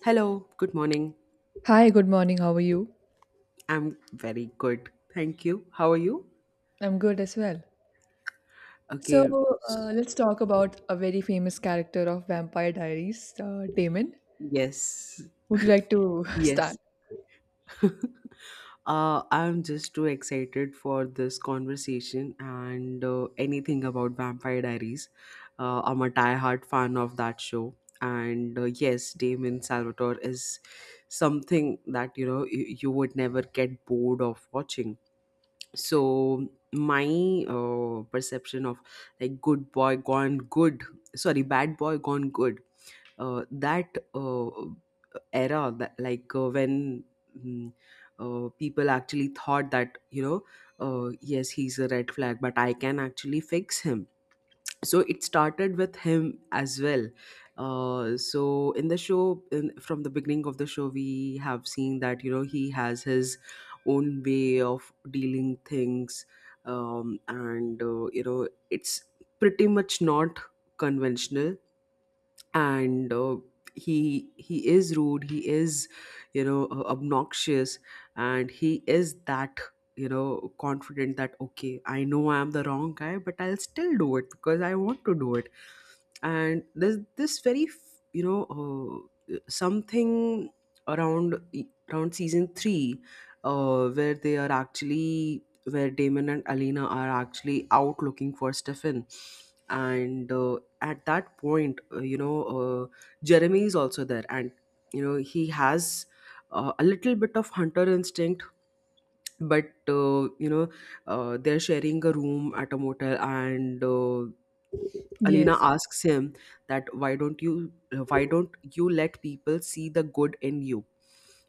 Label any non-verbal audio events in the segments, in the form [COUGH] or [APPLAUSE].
Hello, good morning. Hi, good morning. How are you? I'm very good. Thank you. How are you? I'm good as well. Okay. So, s- uh, let's talk about a very famous character of Vampire Diaries, Damon. Yes. Would you like to [LAUGHS] Yes. start? I'm just too excited for this conversation and anything about Vampire Diaries. I'm a die-hard fan of that show. And yes, Damon Salvatore is something that, you would never get bored of watching. So my perception of, like, good boy gone good, sorry, bad boy gone good, that era, that, like, when mm, people actually thought that, yes, he's a red flag, but I can actually fix him. So it started with him as well. So in the show from the beginning of the show, we have seen that, he has his own way of dealing things. And it's pretty much not conventional. And he is rude. He is, obnoxious. And he is that, confident, that, okay, I know I am the wrong guy, but I'll still do it because I want to do it. And there's this very something around around season 3. Where Damon and Alina are actually out looking for Stefan, and at that point, Jeremy is also there, and he has a little bit of hunter instinct. But they're sharing a room at a motel, and Alina Yes. asks him that, why don't you let people see the good in you?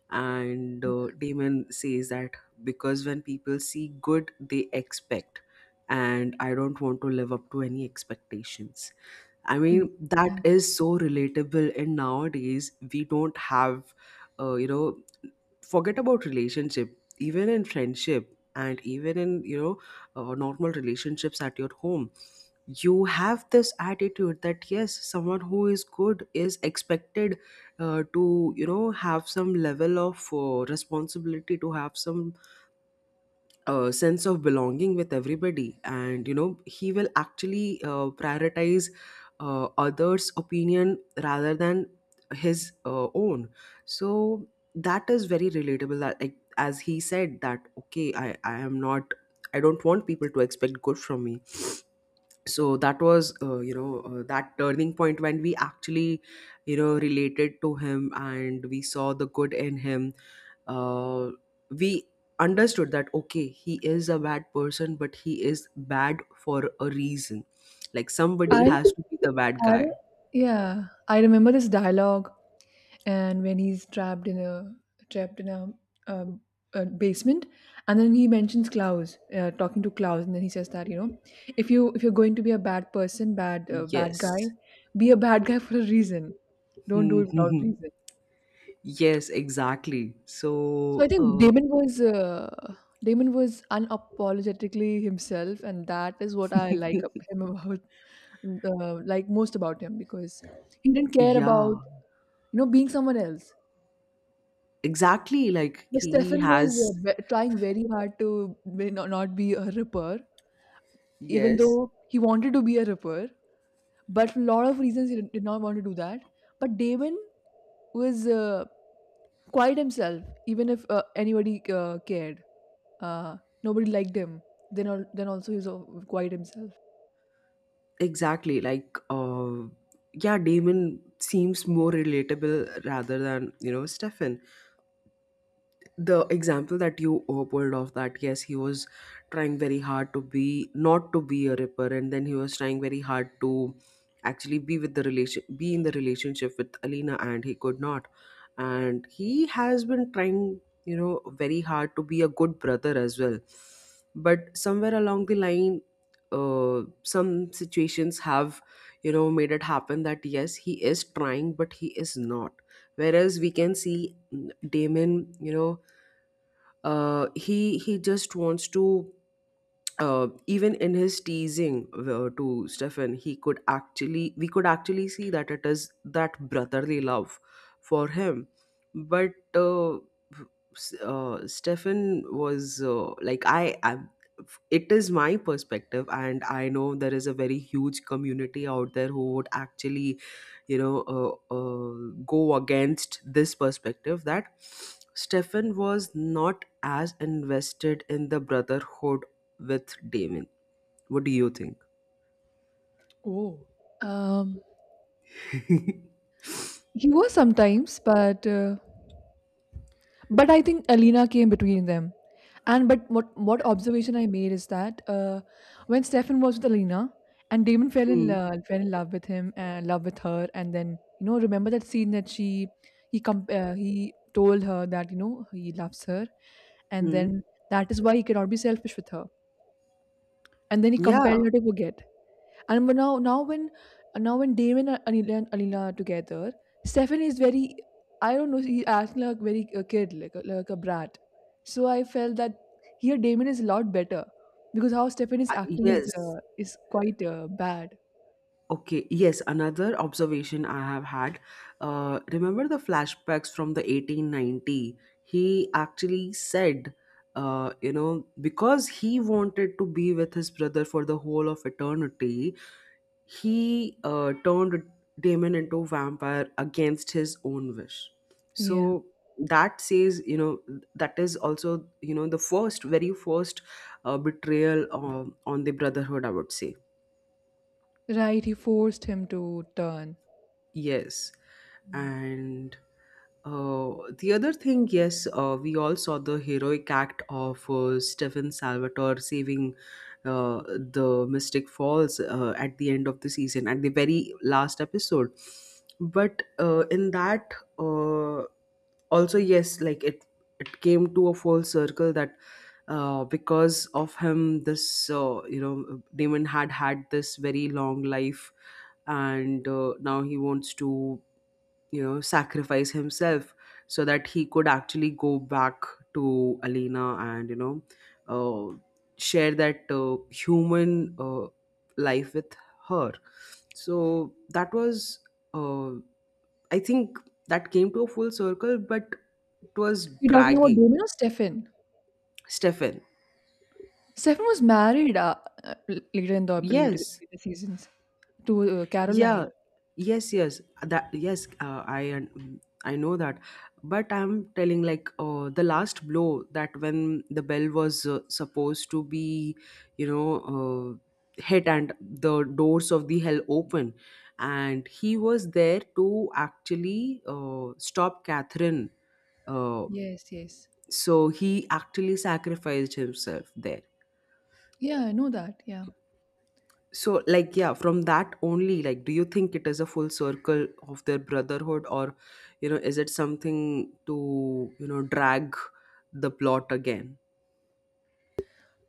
And Damon says that because when people see good, they expect, and I don't want to live up to any expectations. I Mm. mean, that is so relatable. And nowadays, we don't have, uh, you know, forget about relationship, even in friendship, and even in, normal relationships at your home. You have this attitude that, yes, someone who is good is expected, to, have some level of, responsibility, to have some, sense of belonging with everybody, and he will actually, prioritize, others opinion rather than his, own. So that is very relatable, that, like, as he said that, okay, I am not I don't want people to expect good from me. So that was, that turning point when we actually, related to him, and we saw the good in him. Uh, we understood that, okay, he is a bad person, but he is bad for a reason, like somebody I, has to be the bad I, guy. yeah, I remember this dialogue, and when he's trapped in a trapped in a, um, a basement, and then he mentions Klaus, talking to Klaus, and then he says that, you know, if you if you're going to be a bad person, bad guy, Yes. be a bad guy for a reason. Don't do it without [LAUGHS] reason. Yes, exactly. So I So, think uh, Damon was unapologetically himself, and that is what I like ab- him about like most about him, because he didn't care yeah, about, you know, being someone else. exactly, like Miss he Stefan was has. Trying very hard to not, not be a ripper, even Yes. though he wanted to be a ripper. But for a lot of reasons, he did not want to do that. But Damon was quite himself, even if anybody cared. Uh, Nobody liked him. Then, then also he was quite himself. Exactly. Like, yeah, Damon seems more relatable rather than, Stefan. The example that you, pulled off, that yes, he was trying very hard to be, not to be a ripper, and then he was trying very hard to actually be in the relationship with Alina, and he could not, and he has been trying, very hard to be a good brother as well. But somewhere along the line, some situations have, made it happen that yes, he is trying, but he is not. Whereas we can see, Damon, he just wants to... Even in his teasing, to Stefan, he could actually we could actually see that it is that brotherly love for him. But Stefan was, like, I. It is my perspective, and I know there is a very huge community out there who would actually, you know, uh, uh, go against this perspective that Stefan was not as invested in the brotherhood with Damon. What do you think? Oh. Um, [LAUGHS] he was sometimes, but but I think Alina came between them. And but what observation I made is that, when Stefan was with Alina and Damon Hmm. Fell in love with him and love with her, and then, you know, remember that scene that she he he told her that, you know, he loves her, and Hmm. then that is why he cannot be selfish with her, and then he Yeah. compelled her to forget. And but now, now when Damon and Anila are together, Stefan is very, I don't know, he acting like very a kid, like a brat. So I felt that here Damon is a lot better, because how Stefan is I- acting Yes. Is quite bad. Okay. Yes. Another observation I have had. Remember the flashbacks from the 1890? He actually said, because he wanted to be with his brother for the whole of eternity, he, turned Damon into a vampire against his own wish. Yeah. So that says, that is also, the first, very first, betrayal, on the Brotherhood, I would say. Right. He forced him to turn. Yes. Yeah. And the other thing, yes, we all saw the heroic act of, Stefan Salvatore, saving, the Mystic Falls, at the end of the season, at the very last episode. But, in that, uh, also yes, like, it came to a full circle that, because of him, this, Damon had had this very long life, and, now he wants to, sacrifice himself so that he could actually go back to Alina, and, uh, share that, human, life with her, so that was, uh, I think, that came to a full circle, but it was You're talking about dragging. Damon or Stefan? Stefan. Stefan was married uh, later in the later, Yes. later seasons to Yeah, Caroline. yes, yes, that, yes. I know that, but I'm telling, like, the last blow, that when the bell was, supposed to be, you know hit, and the doors of the hell open, and he was there to actually, stop Catherine. uh, Yes, yes. so he actually sacrificed himself there. Yeah, I know that. Yeah. So, like, yeah, from that only, like, do you think it is a full circle of their brotherhood, or, is it something to, drag the plot again?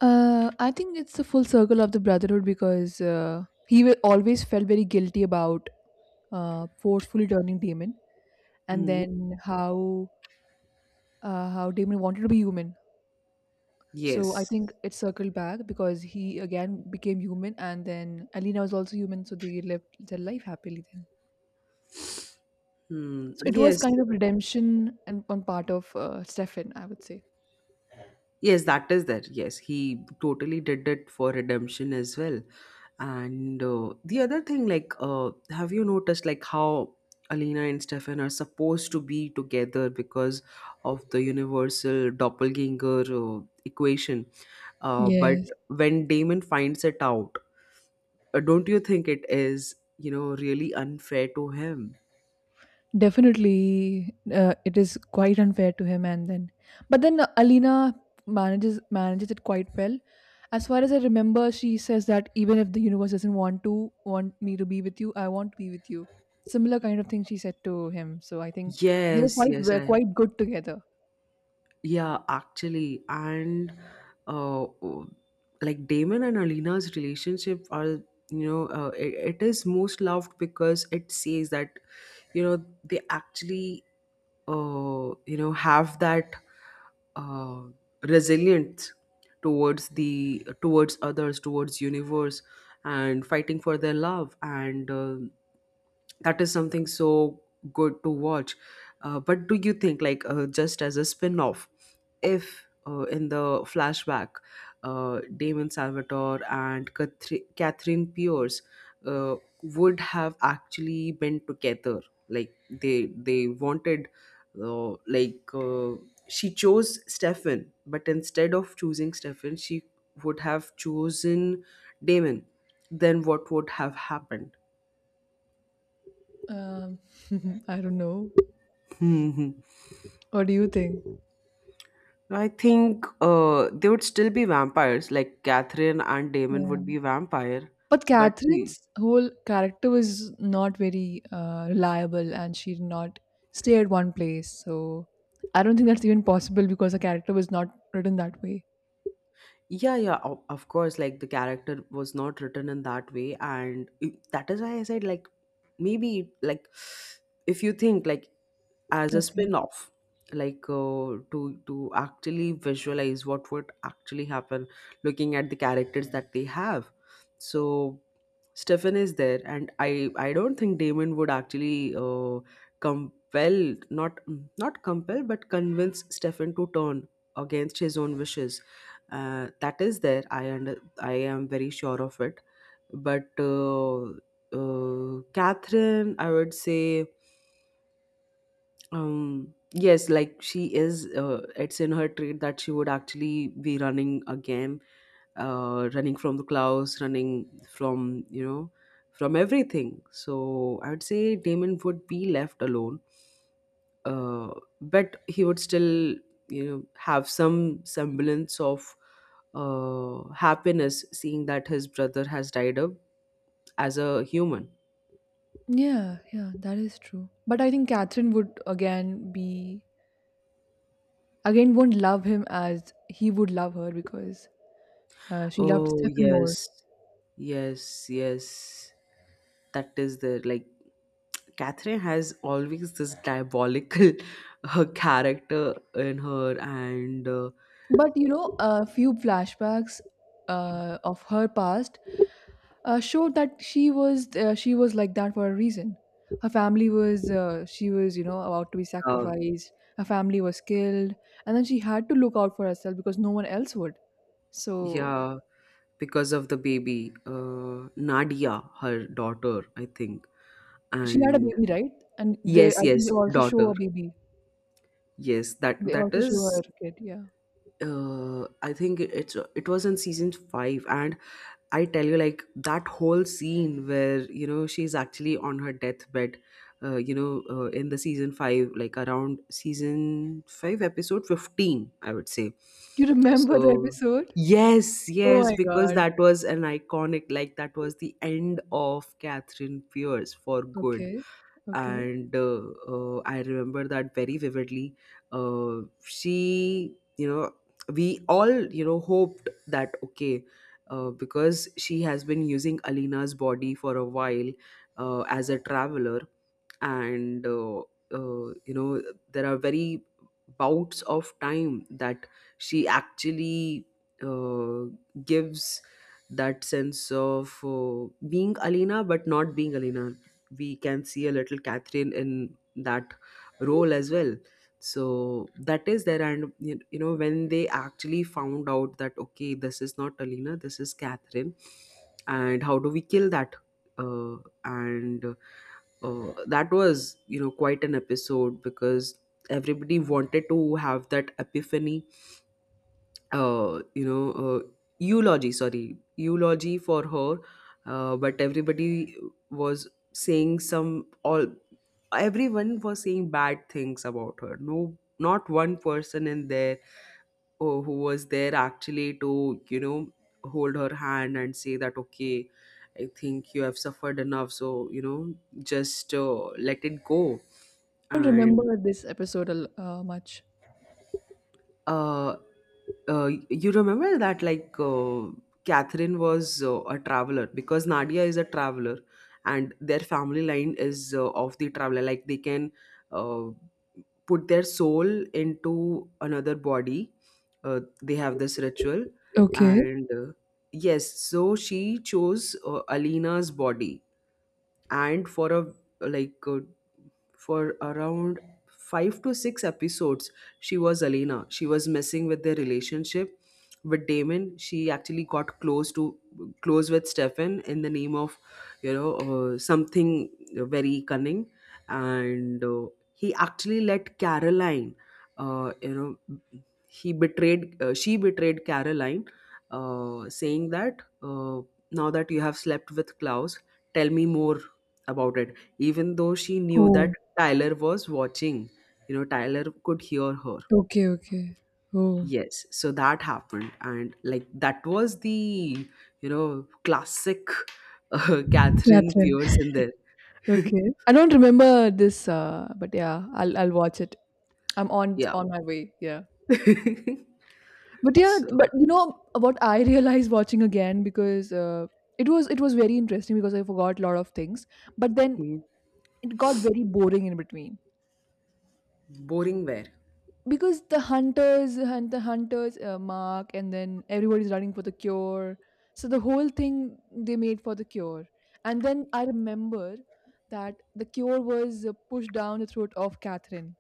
I think it's the full circle of the brotherhood, because he will always felt very guilty about forcefully turning Damon, and Hmm. then how Damon wanted to be human. So I Yes. think it circled back, because he again became human, and then Alina was also human, so they lived their life happily then. Hmm. So it was Yes. kind of redemption and on part of Stefan, I would say. Yes, that is there. Yes, he totally did it for redemption as well. And the other thing, like, have you noticed like how Alina and Stefan are supposed to be together because of the universal doppelganger, equation? But Yes. when Damon finds it out, don't you think it is, really unfair to him? Definitely, it is quite unfair to him, and then, but then Alina manages it quite well. As far as I remember, she says that even if the universe doesn't want me to be with you, I want to be with you. Similar kind of thing she said to him. So I think they Yes, yes, were I... quite good together. Yeah, actually, and uh, like Damon and Alina's relationship are, it is most loved because it says that, they actually, have that, uh, resilient, towards the towards others towards universe, and fighting for their love, and that is something so good to watch. But do you think, like, just as a spin-off, if, in the flashback, Damon Salvatore and Catherine Pierce, uh, would have actually been together, like they wanted, like, she chose Stefan, but instead of choosing Stefan, she would have chosen Damon. Then what would have happened? Um, [LAUGHS] I don't know. Hmm. What do you think? I think, they would still be vampires. Like Catherine and Damon would Yeah. be vampire, But but he... Catherine's whole character was not very reliable, and she did not stay at one place. So I don't think that's even possible, because the character was not written that way. Yeah, yeah, of course. Like the character was not written in that way, and that is why I said, like, maybe, like, if you think, like, as a Okay. spin-off, like, to actually visualize what would actually happen looking at the characters that they have. So Stefan is there, and I don't think Damon would actually, compel, not compel, but convince Stefan to turn against his own wishes. That is there. I am very sure of it. But Catherine, I would say, yes, like she is, it's in her trait that she would actually be running a game, running from the clouds, running from, from everything. So I would say Damon would be left alone, uh but he would still, have some semblance of, happiness, seeing that his brother has died up as a human. Yeah, yeah, that is true. But I think Catherine would again be, again, won't love him as he would love her, because she loved Oh, Stephen more. yes. Yes, yes. That is the, like, Catherine has always this diabolical [LAUGHS] character in her, and But you know, a few flashbacks of her past showed that she was like that for a reason. Her family was she was, you know, about to be uh, sacrificed. Her family was killed, and then she had to look out for herself, because no one else would. So yeah, because of the baby, Nadia, her daughter, I think, she had a and baby, right? And they, yes, I think they yes, also show daughter, a baby. yes, that They that also show her is. kid. Yeah, I think it was in season five, and I tell you, like that whole scene where, she's actually on her deathbed, in the season five, like, around season five, episode 15, I would say. you remember the So, episode? yes, Oh yes, my because god. that was an iconic, like that was the end of Catherine Pierce for good, Okay, okay. and I remember that very vividly. She, we all, hoped that, okay, because she has been using Alina's body for a while, as a traveler, and uh, you know there are very bouts of time that she actually, uh, gives that sense of, being Alina but not being Alina. We can see a little Catherine in that role as well. So that is there, and you know when they actually found out that, okay, this is not Alina, this is Catherine, and how do we kill that? Uh, and that was, quite an episode because everybody wanted to have that epiphany. Uh, you know, uh, Eulogy, sorry, eulogy for her, but everybody was saying some all everyone was saying bad things about her. No, not one person in there. Oh, who was there actually to hold her hand and say that okay, I think you have suffered enough, so just let it go. I don't And remember this episode much. uh, you remember that, like, Catherine was a traveler because Nadia is a traveler, and their family line is, of the traveler, like they can, uh, put their soul into another body. They have this ritual, Okay. and yes, so she chose Alina's body, and for a like a for around five to six episodes, she was Elena. She was messing with their relationship with Damon. She actually got close with Stefan in the name of, something very cunning. And he actually let Caroline, you know, he betrayed, she betrayed Caroline, saying that, now that you have slept with Klaus, tell me more about it, even though she knew Oh. that Tyler was watching. Tyler could hear her. Okay. Okay. Oh. Yes, so that happened, and like that was the, classic, [LAUGHS] Catherine Catherine. Pierce in there. [LAUGHS] Okay. I don't remember this, but yeah, I'll watch it. I'm on Yeah. My way. Yeah. [LAUGHS] But yeah, So, but you know what I [LAUGHS] realized watching again, because it was it was very interesting, because I forgot a lot of things, but then hmm, it got very boring in between, boring wear? because the hunters and the hunters mark, and then everybody's running for the cure. So the whole thing they made for the cure, and then I remember that the cure was pushed down the throat of Catherine,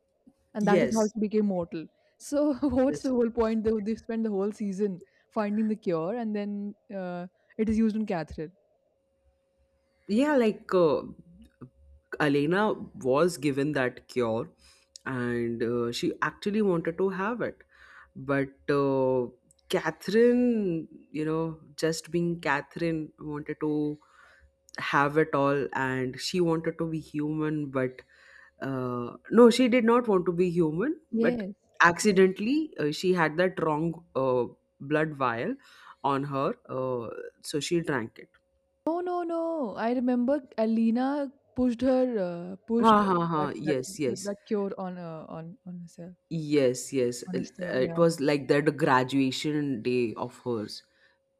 and that is how Yes, she became mortal. So [LAUGHS] what's the yes. whole point? They spend the whole season finding the cure, and then uh, it is used on Catherine. Yeah, like Elena was given that cure, and she actually wanted to have it. But Catherine, just being Catherine, wanted to have it all, and she wanted to be human. But no, she did not want to be human, but Yes. Yeah. accidentally, she had that wrong, blood vial on her, so she drank it. No, no, no. I remember Alina pushed her Ha pushed ha ha! that that Yes, yes. that cure on herself, Yes, yes. on Esther. It Yeah. was like that graduation day of hers.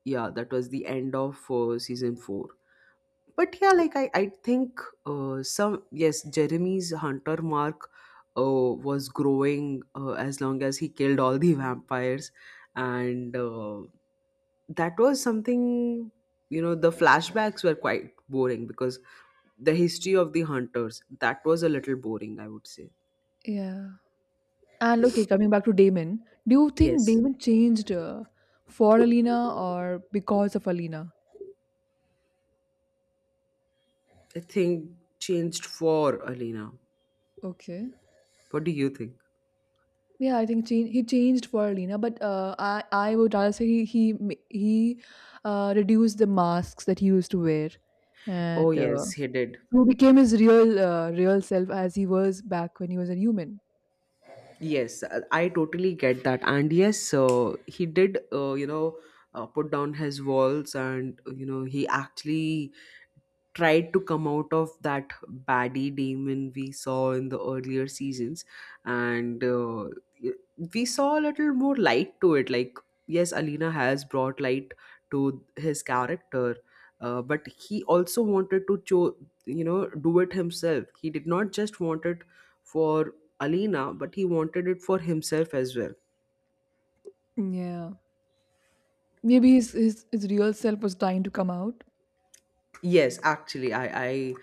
Yeah, that was the end of season four. But yeah, like I think, some yes, Jeremy's hunter mark, was growing as long as he killed all the vampires, and that was something. The flashbacks were quite boring because the history of the hunters, that was a little boring, I would say. Yeah. And okay, coming back to Damon, do you think Yes. Damon changed for Alina or because of Alina? I think changed for Alina. Okay. What do you think? Yeah, I think change, he changed for Lena, but I would rather say he he reduced the masks that he used to wear, Oh and yes, he did. so became his real real self as he was back when he was a human. Yes, I totally get that. And yes, he did. Put down his walls, and he actually tried to come out of that baddie demon we saw in the earlier seasons. And we saw a little more light to it, like yes, Alina has brought light to his character, but he also wanted to you know do it himself. He did not just want it for Alina, but he wanted it for himself as well. Yeah, maybe his real self was trying to come out. Yes, actually, I I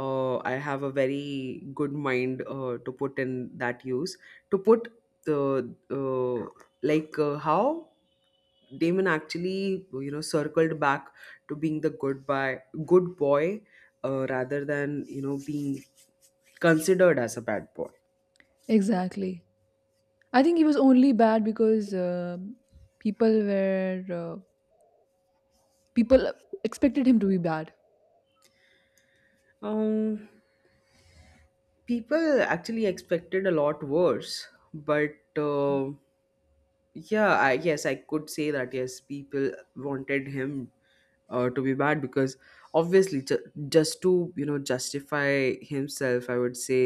uh, I have a very good mind, to put in that use, to put the like how Damon actually, circled back to being the good boy, rather than, being considered as a bad boy. Exactly. I think he was only bad because people were uh, people expected him to be bad. Um, People actually expected a lot worse, but. Yeah, I yes I could say that, yes, people wanted him, to be bad because obviously, just to, justify himself, I would say.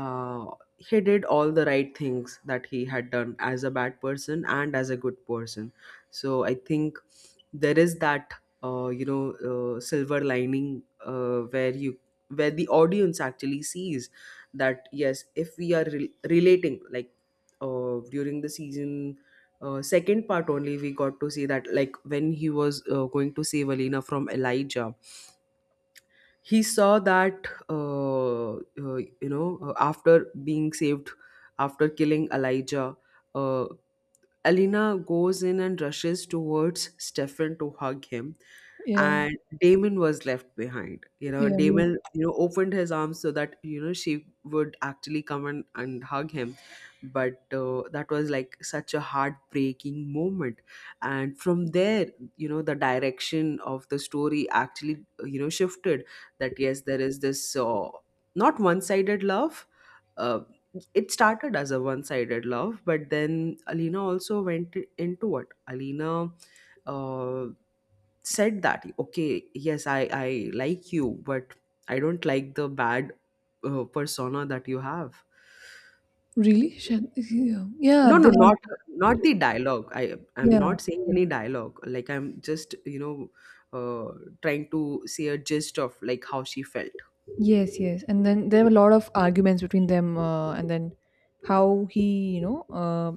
uh, he did all the right things that he had done as a bad person and as a good person. So I think there is that, silver lining, where you where the audience actually sees that yes, if we are relating, like during the season, second part only, we got to see that, like when he was going to save Alina from Elijah, he saw that, after being saved, after killing Elijah, uh, Alina goes in and rushes towards Stefan to hug him, Yeah. and Damon was left behind. Yeah, yes. Damon, opened his arms so that, she would actually come and hug him. But that was like such a heartbreaking moment. And from there, the direction of the story actually, shifted, that yes, there is this, not one sided love, uh, it started as a one-sided love, but then Alina also went into it. Alina, uh, said that okay, yes, I like you, but I don't like the bad, persona that you have. Really? Yeah, yeah, No, no, they not had. not the dialogue, I'm Yeah, not saying any dialogue, like I'm just, uh, trying to see a gist of like how she felt. yes, yes. And then there were a lot of arguments between them, and then how he, you know, uh,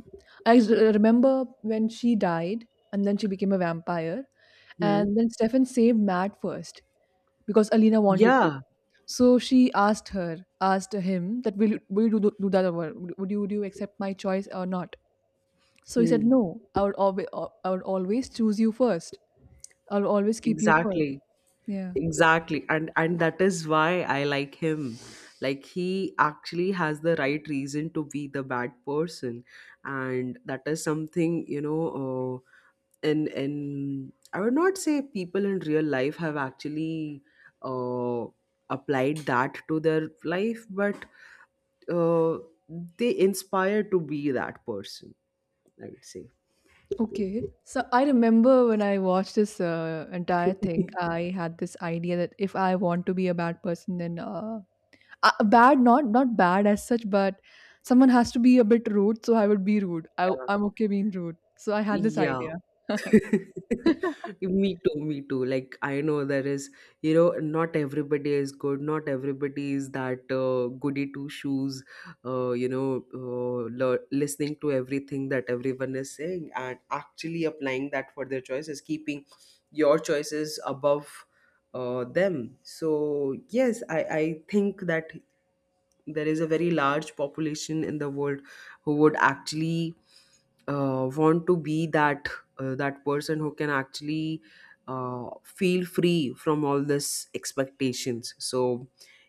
I s- remember when she died, and then she became a vampire, Hmm. and then Stefan saved Matt first because Alina wanted to. Yeah. So she asked her, asked him that will you, do, do that over? Would you accept my choice or not? So he said Hmm. no. I would always choose you first. I'll always keep you first. Exactly. Yeah. Exactly. And that is why I like him. Like he actually has the right reason to be the bad person. And that is something, in I would not say people in real life have actually, uh, applied that to their life, but uh, they inspire to be that person, I would say. Okay. [LAUGHS] So I remember when I watched this entire thing, [LAUGHS] I had this idea that if I want to be a bad person, then bad, not not bad as such, but someone has to be a bit rude. So I would be rude. I, Yeah. I'm okay being rude. So I had this Yeah. idea. [LAUGHS] [LAUGHS] Me too, me too. Like, I know there is, not everybody is good, not everybody is that, goody two shoes, listening to everything that everyone is saying and actually applying that for their choices, keeping your choices above, them. So, yes, I think that there is a very large population in the world who would actually, want to be that, that person who can actually, feel free from all this expectations. So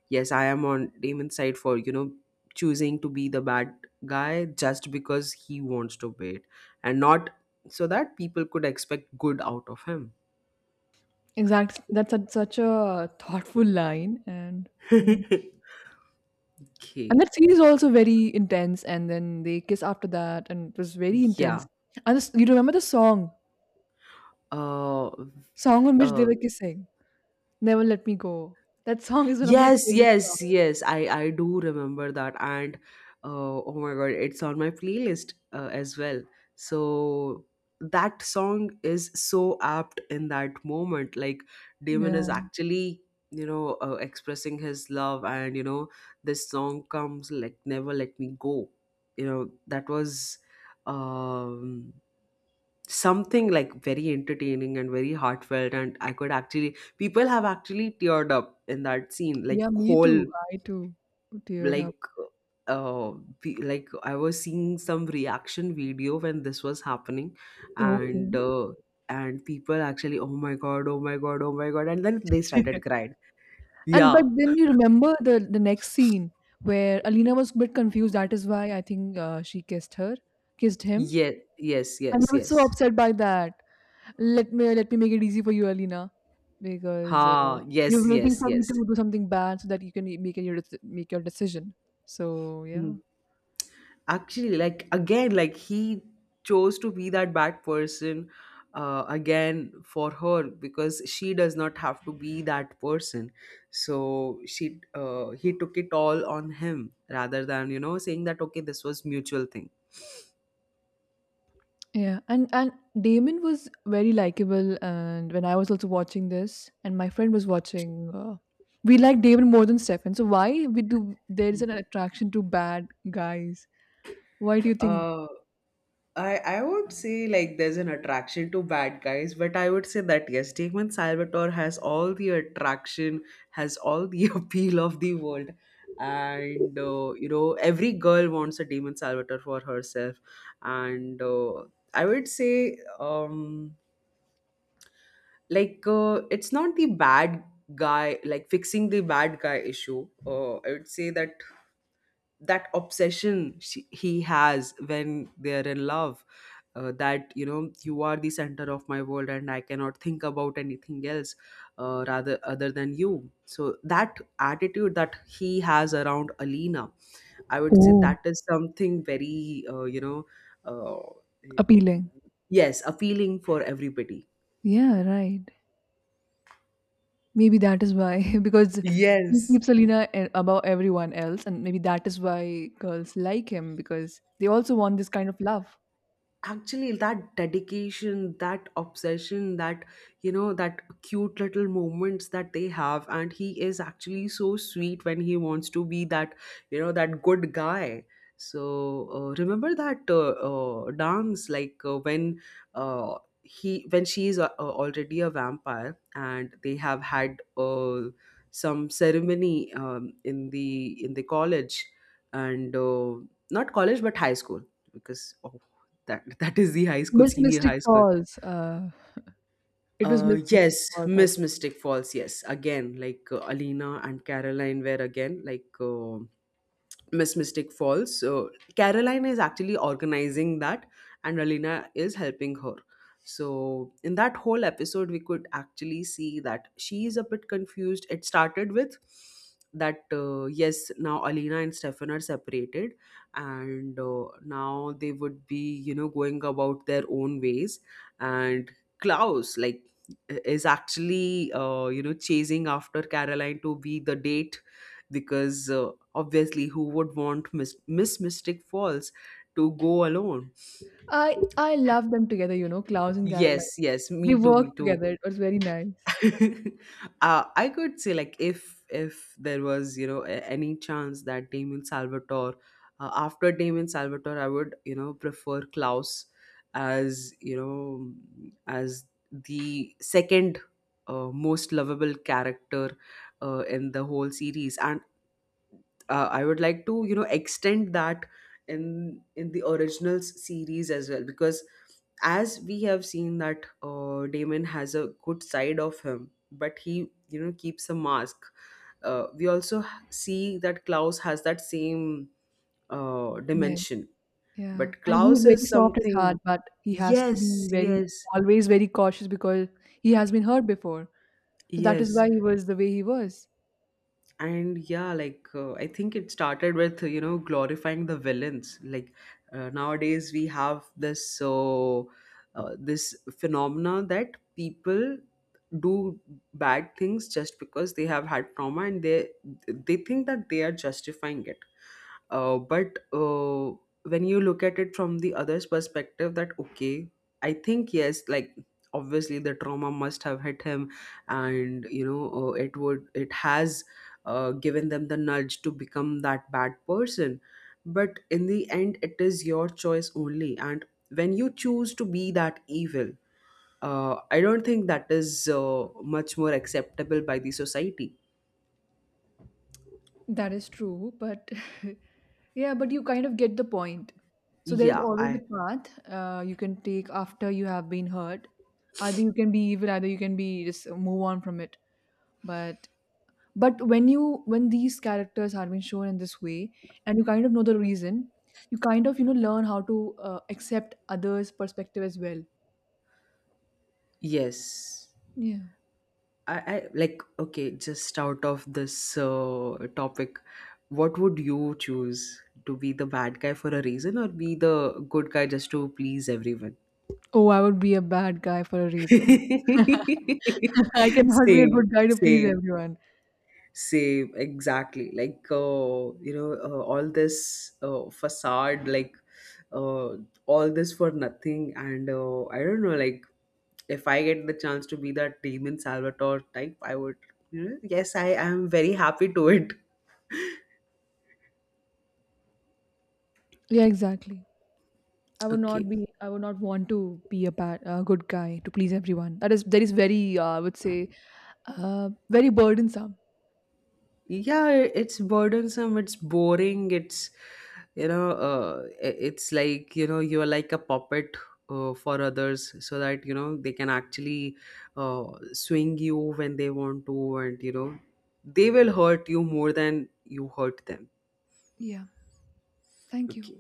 yes, I am on Damon's side for, choosing to be the bad guy just because he wants to be it, and not so that people could expect good out of him. Exactly. That's a, such a thoughtful line, and [LAUGHS] yeah. Okay. And that scene is also very intense. And then they kiss after that, and it was very Yeah. intense. And this, you remember the song? uh, Song on which they uh were kissing. "Never Let Me Go." That song is one of my Yes, favorite yes, songs. yes. I do remember that, and oh my god, it's on my playlist as well. So that song is so apt in that moment. Like Damon is Yeah. actually, expressing his love, and this song comes like "Never Let Me Go." That was, um something like very entertaining and very heartfelt, and I could actually people have actually teared up in that scene like Yeah, me whole, too. I too teared like up. uh like I was seeing some reaction video when this was happening. Okay. And and people actually, oh my god, oh my god, oh my god, and then they [LAUGHS] started crying. And but Yeah, then you remember the next scene where Alina was a bit confused. That is why I think she kissed her, kissed him. yes, yes, And yes, I was yes. so upset by that. Let me make it easy for you, Alina, because Ha, yes, you're yes, waiting for me yes. to do something bad so that you can make your make your decision. So Hmm. yeah. Actually, like, again, like he chose to be that bad person, again for her, because she does not have to be that person. So she he took it all on him rather than, saying that okay, this was mutual thing. Yeah, and Damon was very likable, and when I was also watching this, and my friend was watching, we like Damon more than Stefan. So why we do there is an attraction to bad guys? Why do you think? uh I would say like there's an attraction to bad guys, but I would say that yes, Damon Salvatore has all the attraction, has all the [LAUGHS] appeal of the world, and every girl wants a Damon Salvatore for herself. And I would say, like it's not the bad guy like fixing the bad guy issue. I would say that, that obsession he has when they're in love, that, you are the center of my world and I cannot think about anything else, rather other than you. So that attitude that he has around Alina, I would say, Oh, that is something very, uh, appealing. yes, appealing for everybody. Yeah, right. Maybe that is why [LAUGHS] because he Yes, keeps Alina above everyone else, and maybe that is why girls like him because they also want this kind of love. actually that dedication, that obsession, that, that cute little moments that they have, and he is actually so sweet when he wants to be that, that good guy. So remember that, dance, like when he, when she is already a vampire and they have had some ceremony, in the college. And not college but high school, because oh, that is the high school, Miss senior Mystic high school. Falls. It was Miss Yes, Mystic Falls, I Miss think. Mystic Falls. Yes, again, like Alina and Caroline were again like, Miss Mystic Falls. So Caroline is actually organizing that, and Alina is helping her. So in that whole episode, we could actually see that she is a bit confused. It started with that, yes, now Alina and Stefan are separated, and now they would be, going about their own ways, and Klaus, like, is actually, chasing after Caroline to be the date, because obviously, who would want Miss Mystic Falls to go alone? I love them together, you know, Klaus and Yes, Caroline. yes, me They too, work me too. together. It was very nice. [LAUGHS] I could say like, if there was, any chance that Damon Salvatore, after Damon Salvatore, I would, prefer Klaus, as you know as the second, most lovable character, in the whole series. And I would like to, extend that in the originals series as well, because as we have seen that, Damon has a good side of him, but he, keeps a mask. We also see that Klaus has that same, Yeah, dimension, yeah. but And he's Klaus very is soft at heart, something. but he has to be Yes, very, yes, always very cautious, because he has been hurt before. So that is yes. why he was the way he was. And yeah, like I think it started with, glorifying the villains, like nowadays we have this, this phenomena that people do bad things just because they have had trauma, and they think that they are justifying it. But when you look at it from the other's perspective, that okay, I think yes, like obviously the trauma must have hit him, and it has given them the nudge to become that bad person. But in the end, it is your choice only, and when you choose to be that evil, I don't think that is, much more acceptable by the society. That is true, but [LAUGHS] yeah, but you kind of get the point. So there's Yeah, always a path you can take after you have been hurt. Either you can be evil, either you can be just move on from it. But but when you when these characters are being shown in this way, and you kind of know the reason, you kind of, you know, learn how to accept others perspective as well. yes Yeah. I like, okay, just out of this, topic, what would you choose, to be the bad guy for a reason or be the good guy just to please everyone? Oh, I would be a bad guy for a [LAUGHS] reason. [LAUGHS] I cannot be a Same, good guy to please same. everyone. Same, exactly. Like, all this, facade, like, uh, all this for nothing. And I don't know, like, if I get the chance to be that demon Salvatore type, I would, yes, I am very happy to it. Yeah, exactly. Okay. I would not want to be a good guy to please everyone. That is that is very, I would say, very burdensome. Yeah, it's burdensome, it's boring, it's, it's like, you're like a puppet, for others so that, they can actually, uh, swing you when they want to, and they will hurt you more than you hurt them. Yeah, thank you. Okay,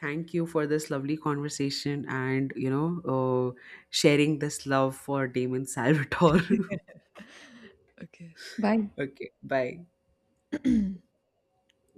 thank you for this lovely conversation, and uh, sharing this love for Damon Salvatore. [LAUGHS] Okay, [LAUGHS] Okay, bye. bye. [CLEARS THROAT]